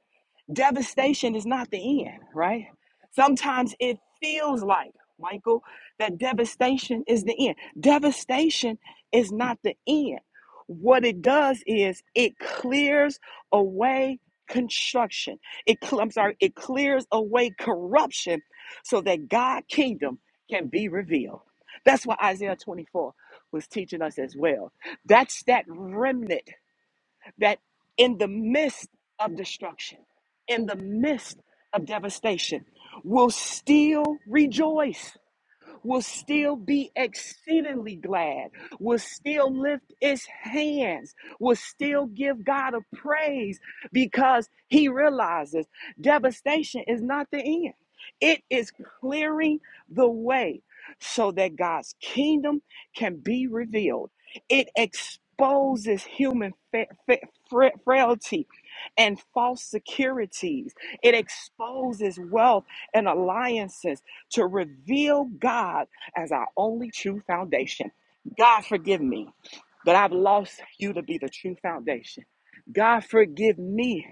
Speaker 2: devastation is not the end, right? Sometimes it feels like, Michael, that devastation is the end. Devastation is not the end. What it does is it clears away construction. It cl- I'm sorry, it clears away corruption so that God kingdom can be revealed. That's what Isaiah 24 was teaching us as well. That's that remnant that in the midst of destruction, in the midst of devastation, will still rejoice will still be exceedingly glad, will still lift its hands, will still give God a praise because he realizes devastation is not the end. It is clearing the way so that God's kingdom can be revealed. It exposes human fa- fa- fra- frailty and false securities. It exposes wealth and alliances to reveal God as our only true foundation. God, forgive me that I've lost you to be the true foundation. God, forgive me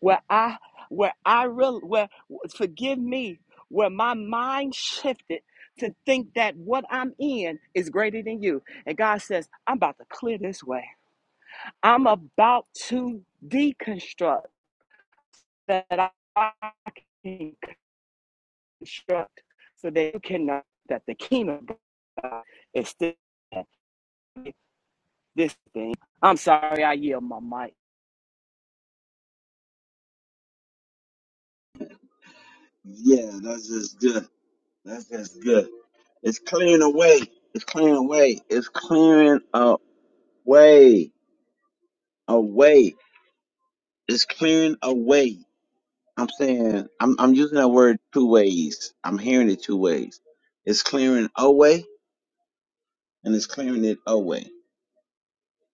Speaker 2: where I where I real where forgive me where my mind shifted to think that what I'm in is greater than you. And God says, I'm about to clear this way. I'm about to deconstruct that I can instruct so that you cannot that the kingdom of God is still this thing. I'm sorry, I yield my mic.
Speaker 1: Yeah, that's just good. That's just good. It's clearing away. It's clearing away. It's clearing away. Away. It's clearing away. I'm saying I'm I'm using that word two ways. I'm hearing it two ways. It's clearing away and it's clearing it away.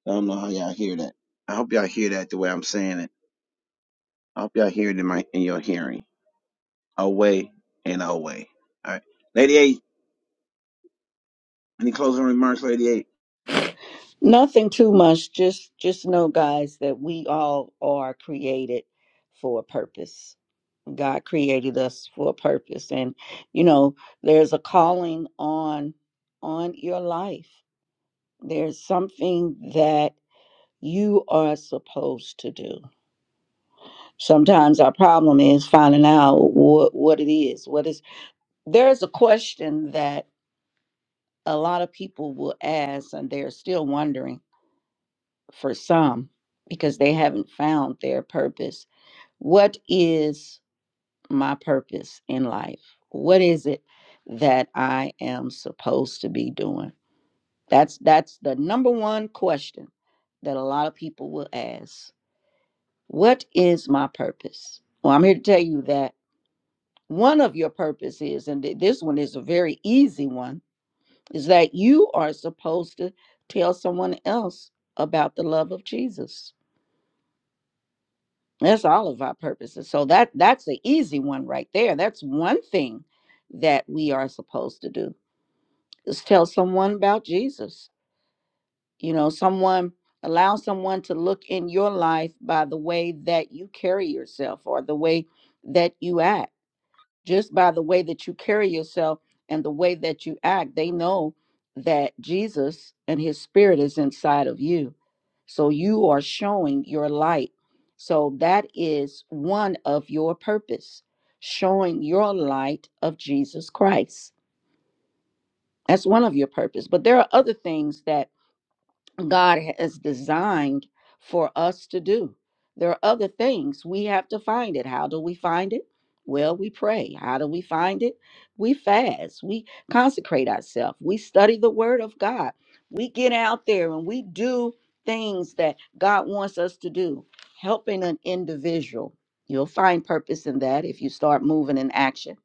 Speaker 1: I don't know how y'all hear that. I hope y'all hear that the way I'm saying it. I hope y'all hear it in my in your hearing. Away and away. All right. Lady eight. Any closing remarks, Lady eight?
Speaker 3: Nothing too much. Just just know, guys, that we all are created for a purpose. God created us for a purpose and you know there's a calling on on your life. There's something that you are supposed to do. Sometimes our problem is finding out what what it is. What is there's a question that a lot of people will ask and they're still wondering for some because they haven't found their purpose. What is my purpose in life what is it that i am supposed to be doing that's that's the number one question that a lot of people will ask what is my purpose well i'm here to tell you that one of your purposes and th- this one is a very easy one is that you are supposed to tell someone else about the love of jesus that's all of our purposes so that that's the easy one right there that's one thing that we are supposed to do Just tell someone about Jesus. You know, someone allow someone to look in your life by the way that you carry yourself or the way that you act. Just by the way that you carry yourself and the way that you act, they know that Jesus and his spirit is inside of you. So you are showing your light. So that is one of your purpose, showing your light of Jesus Christ. That's one of your purpose. But there are other things that God has designed for us to do. There are other things we have to find it. How do we find it? Well, we pray. How do we find it? We fast. We consecrate ourselves. We study the word of God. We get out there and we do things that God wants us to do. Helping an individual, you'll find purpose in that if you start moving in action.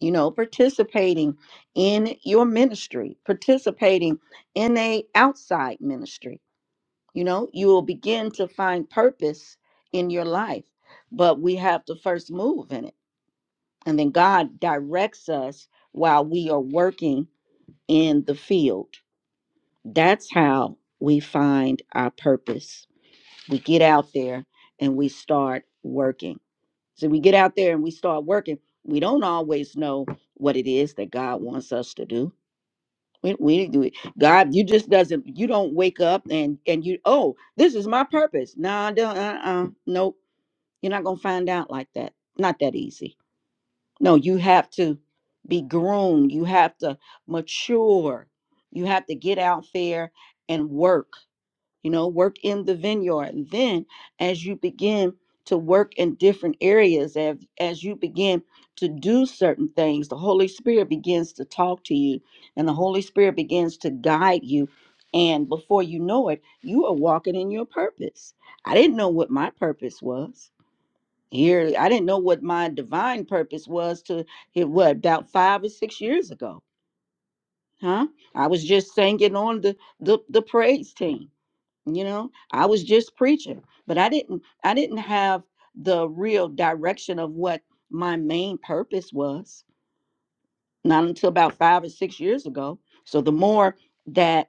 Speaker 3: You know, participating in your ministry, participating in a outside ministry you know, you will begin to find purpose in your life, but we have to first move in it. And then God directs us while we are working in the field. That's how we find our purpose. We get out there and we start working. So we get out there and we start working. We don't always know what it is that God wants us to do we, we didn't do it. God, you just doesn't. You don't wake up and and you. Oh, this is my purpose. Nah, don't. Uh, uh, nope. You're not gonna find out like that. Not that easy. No, you have to be groomed. You have to mature. You have to get out there and work you know work in the vineyard and then as you begin to work in different areas as, as you begin to do certain things the holy spirit begins to talk to you and the holy spirit begins to guide you and before you know it you are walking in your purpose i didn't know what my purpose was here i didn't know what my divine purpose was to it what about five or six years ago huh i was just singing on the the, the praise team you know i was just preaching but i didn't i didn't have the real direction of what my main purpose was not until about five or six years ago so the more that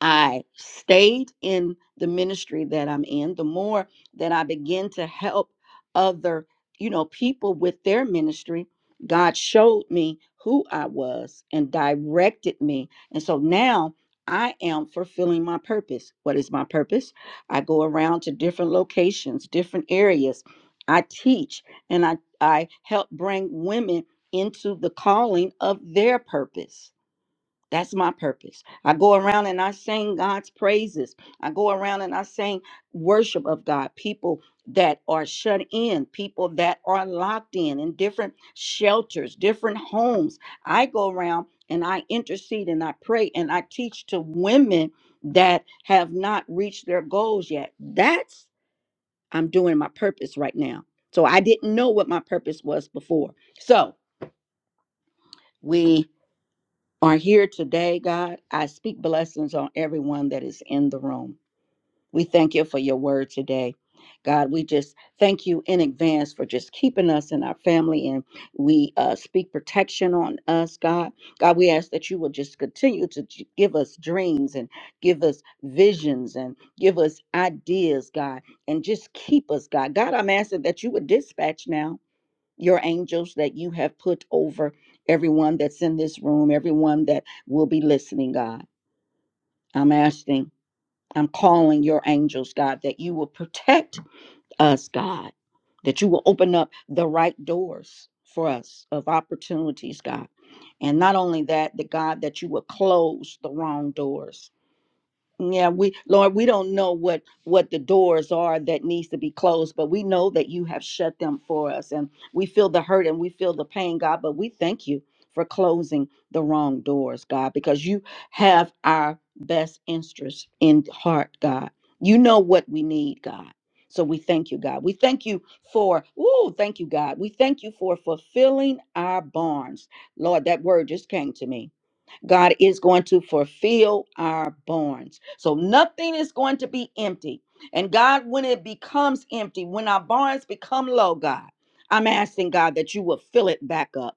Speaker 3: I stayed in the ministry that I'm in, the more that I begin to help other, you know, people with their ministry, God showed me who I was and directed me. And so now I am fulfilling my purpose. What is my purpose? I go around to different locations, different areas. I teach and I, I help bring women into the calling of their purpose that's my purpose. I go around and I sing God's praises. I go around and I sing worship of God. People that are shut in, people that are locked in in different shelters, different homes. I go around and I intercede and I pray and I teach to women that have not reached their goals yet. That's I'm doing my purpose right now. So I didn't know what my purpose was before. So, we are here today, God. I speak blessings on everyone that is in the room. We thank you for your word today. God, we just thank you in advance for just keeping us and our family, and we uh, speak protection on us, God. God, we ask that you will just continue to j- give us dreams and give us visions and give us ideas, God, and just keep us, God. God, I'm asking that you would dispatch now your angels that you have put over everyone that's in this room, everyone that will be listening, God. I'm asking, I'm calling your angels, God, that you will protect us, God, that you will open up the right doors for us of opportunities, God. And not only that, the God, that you will close the wrong doors yeah, we Lord, we don't know what what the doors are that needs to be closed, but we know that you have shut them for us and we feel the hurt and we feel the pain, God, but we thank you for closing the wrong doors, God, because you have our best interest in heart, God. You know what we need, God. So we thank you, God. We thank you for, ooh, thank you, God. We thank you for fulfilling our barns. Lord, that word just came to me God is going to fulfill our barns. So nothing is going to be empty. And God, when it becomes empty, when our barns become low, God, I'm asking God that you will fill it back up.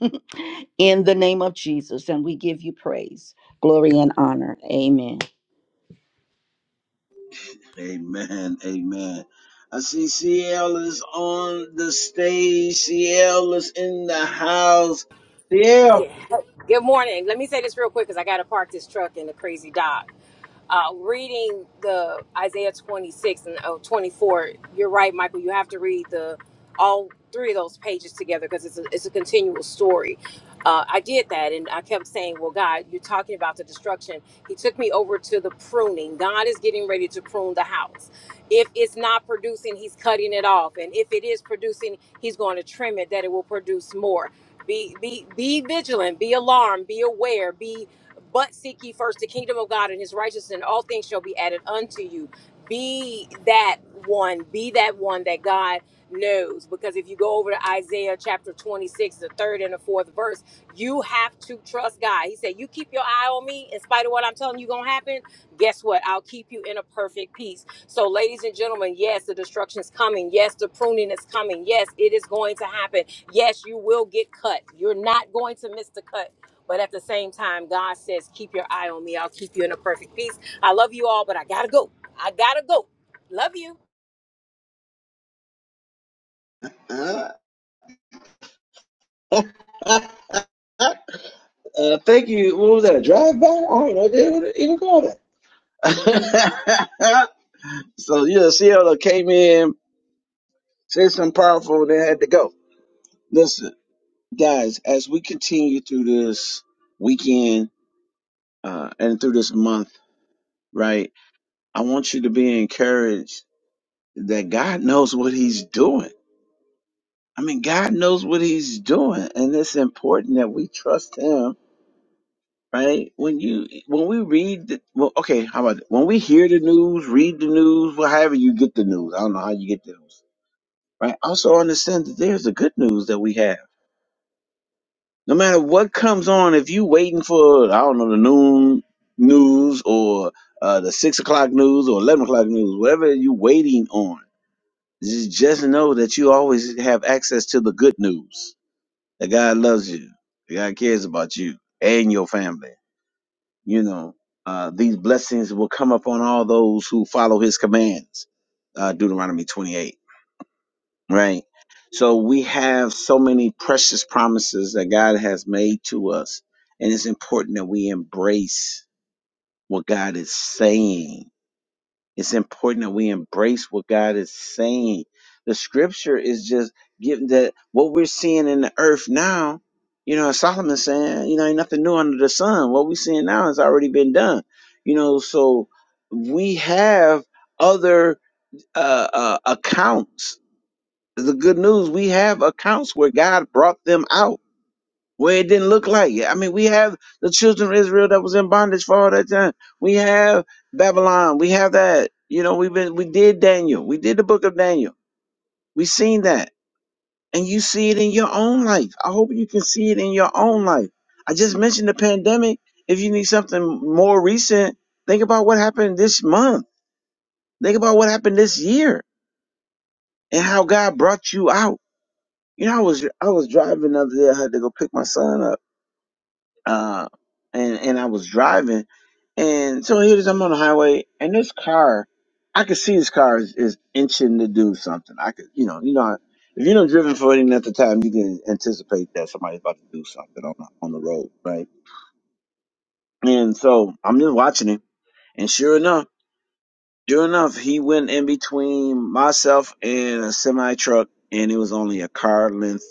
Speaker 3: in the name of Jesus. And we give you praise, glory, and honor. Amen.
Speaker 1: Amen. Amen. I see CL is on the stage. CL is in the house. CL.
Speaker 4: Yeah. Good morning. Let me say this real quick because I got to park this truck in the crazy dock. Uh, reading the Isaiah 26 and oh twenty-four, you're right, Michael. You have to read the all three of those pages together because it's a, it's a continual story. Uh, I did that and I kept saying, Well, God, you're talking about the destruction. He took me over to the pruning. God is getting ready to prune the house. If it's not producing, He's cutting it off. And if it is producing, He's going to trim it that it will produce more be be be vigilant be alarmed be aware be but seek ye first the kingdom of god and his righteousness and all things shall be added unto you be that one be that one that god knows because if you go over to isaiah chapter 26 the third and the fourth verse you have to trust god he said you keep your eye on me in spite of what i'm telling you gonna happen guess what i'll keep you in a perfect peace so, ladies and gentlemen, yes, the destruction is coming. Yes, the pruning is coming. Yes, it is going to happen. Yes, you will get cut. You're not going to miss the cut. But at the same time, God says, keep your eye on me. I'll keep you in a perfect peace. I love you all, but I gotta go. I gotta go. Love you.
Speaker 1: Uh, uh, thank you. What was that? A drive by? I don't know. They would even call that. so yeah, CL came in. Said something powerful and it had to go. Listen, guys, as we continue through this weekend uh, and through this month, right? I want you to be encouraged that God knows what He's doing. I mean, God knows what He's doing, and it's important that we trust Him, right? When you when we read, the, well, okay, how about it? when we hear the news, read the news, well, however you get the news. I don't know how you get the news, right? Also understand that there's the good news that we have No matter what comes on, if you waiting for I don't know the noon news or uh, the six o'clock news or eleven o'clock news, whatever you waiting on, just just know that you always have access to the good news. That God loves you. That God cares about you and your family. You know uh, these blessings will come upon all those who follow His commands. Uh, Deuteronomy twenty-eight right? So we have so many precious promises that God has made to us, and it's important that we embrace what God is saying. It's important that we embrace what God is saying. The scripture is just giving that what we're seeing in the earth now, you know, Solomon saying, you know, ain't nothing new under the sun. What we're seeing now has already been done, you know, so we have other uh, uh, accounts the good news we have accounts where god brought them out where it didn't look like it i mean we have the children of israel that was in bondage for all that time we have babylon we have that you know we've been we did daniel we did the book of daniel we seen that and you see it in your own life i hope you can see it in your own life i just mentioned the pandemic if you need something more recent think about what happened this month think about what happened this year and how god brought you out You know, I was I was driving the other day. I had to go pick my son up, uh, and and I was driving, and so here it is. I'm on the highway, and this car, I could see this car is, is inching to do something. I could, you know, you know, if you don't driven for any length of time, you can anticipate that somebody's about to do something on the, on the road, right? And so I'm just watching him, and sure enough, sure enough, he went in between myself and a semi truck, and it was only a car length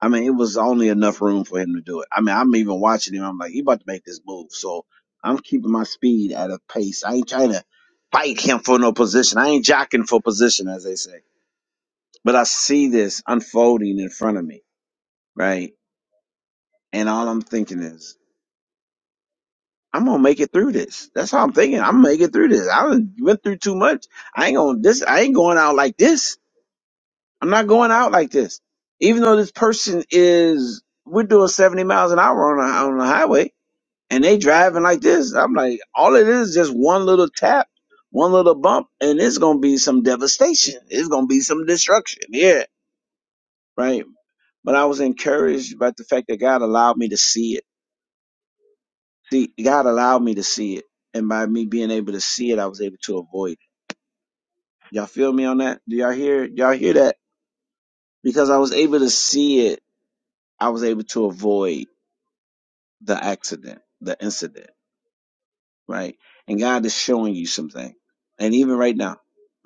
Speaker 1: I mean, it was only enough room for him to do it. I mean, I'm even watching him. I'm like, he about to make this move. So I'm keeping my speed at a pace. I ain't trying to fight him for no position. I ain't jockeying for position, as they say. But I see this unfolding in front of me, right? And all I'm thinking is, I'm gonna make it through this. That's how I'm thinking. I'm gonna make it through this. I done went through too much. I ain't gonna this. I ain't going out like this. I'm not going out like this. Even though this person is, we're doing 70 miles an hour on a, on the highway and they driving like this. I'm like, all it is is just one little tap, one little bump, and it's gonna be some devastation. It's gonna be some destruction. Yeah, right. But I was encouraged by the fact that God allowed me to see it. See, God allowed me to see it, and by me being able to see it, I was able to avoid it. Y'all feel me on that? Do y'all hear? Y'all hear that? Because I was able to see it, I was able to avoid the accident, the incident right? And God is showing you something. And even right now,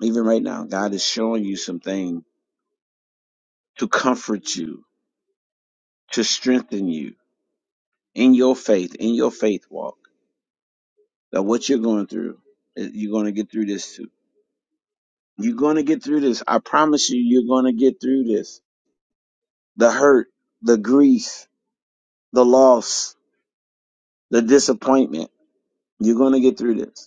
Speaker 1: even right now, God is showing you something to comfort you, to strengthen you in your faith, in your faith walk. That what you're going through, eh, you're going to get through this too. You're going to get through this. I promise you, you're going to get through this. The hurt, the grief, the loss, the disappointment. You're going to get through this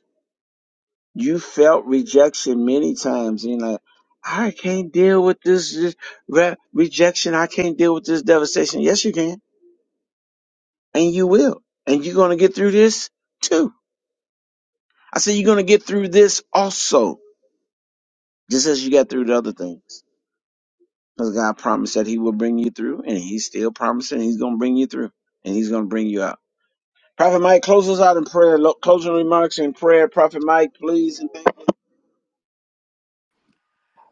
Speaker 1: you felt rejection many times and you're like i can't deal with this, this re- rejection i can't deal with this devastation yes you can and you will and you're going to get through this too i said you're going to get through this also just as you got through the other things because god promised that he will bring you through and he's still promising he's going to bring you through and he's going to bring you out prophet mike close us out in prayer Lo- closing remarks in prayer prophet mike please And thank-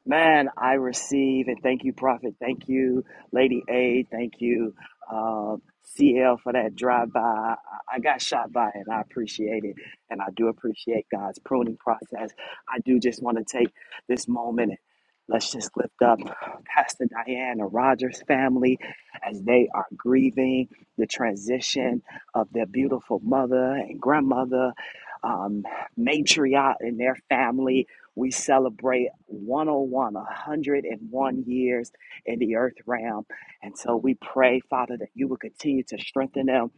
Speaker 2: Man, I receive and thank you, Prophet. Thank you, Lady A. Thank you, um, CL, for that drive by. I I got shot by and I appreciate it. And I do appreciate God's pruning process. I do just want to take this moment and let's just lift up Pastor Diana Rogers' family as they are grieving the transition of their beautiful mother and grandmother, um, matriarch in their family we celebrate 101, years in the earth realm. And so we pray, Father, that you will continue to strengthen them.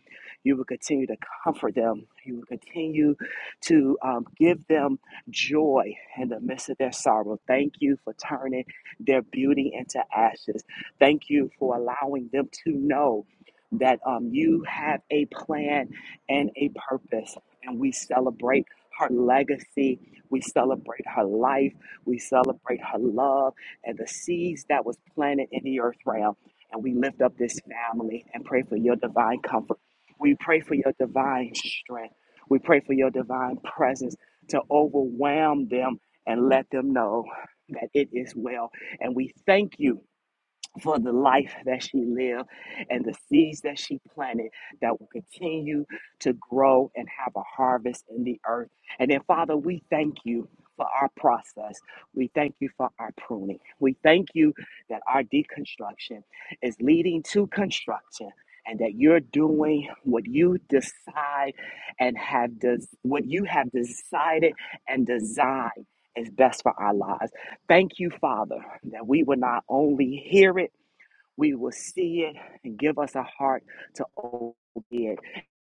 Speaker 2: You will continue to comfort them. You will continue to um, give them joy in the midst of their sorrow. Thank you for turning their beauty into ashes. Thank you for allowing them to know that um, you have a plan and a purpose. And we celebrate her legacy we celebrate her life. We celebrate her love and the seeds that was planted in the earth realm. And we lift up this family and pray for your divine comfort. We pray for your divine strength. We pray for your divine presence to overwhelm them and let them know that it is well. And we thank you for the life that she lived and the seeds that she planted that will continue to grow and have a harvest in the earth. And then, Father, we thank you for our process. We thank you for our pruning. We thank you that our deconstruction is leading to construction. And that you're doing what you decide and have des- what you have decided and designed is best for our lives. Thank you, Father, that we will not only hear it we will see it and give us a heart to obey it.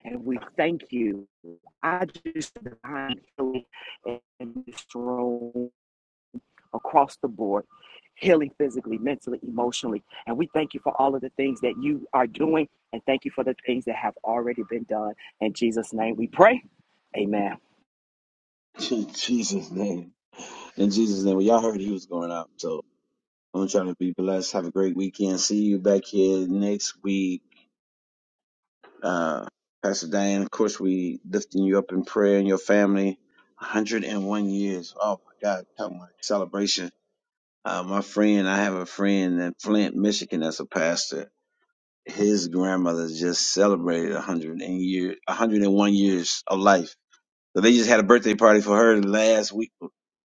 Speaker 2: And we thank you. I just divine healing in this room across the board, healing physically, mentally, emotionally. And we thank you for all of the things that you are doing and thank you for the things that have already been done. In Jesus' name we pray. Amen.
Speaker 1: in jesus name in jesus name well, y'all heard he was going out so I'm trying to be blessed. Have a great weekend. See you back here next week. Uh, Pastor Diane. of course, we lifting you up in prayer and your family. 101 years. Oh my God, talking about celebration. Uh, my friend, I have a friend in Flint, Michigan, that's a pastor. His grandmother just celebrated 100 and year, 101 years of life. So they just had a birthday party for her last week.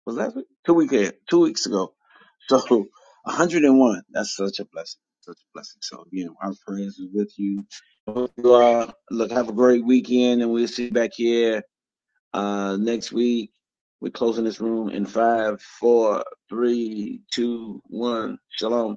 Speaker 1: Was last week? Two weeks, two weeks ago So 101. That's such a blessing. Such a blessing. So, you know, our prayers is with you. Hope you uh, look, have a great weekend, and we'll see you back here uh, next week. We're closing this room in five, four, three, two, one. Shalom.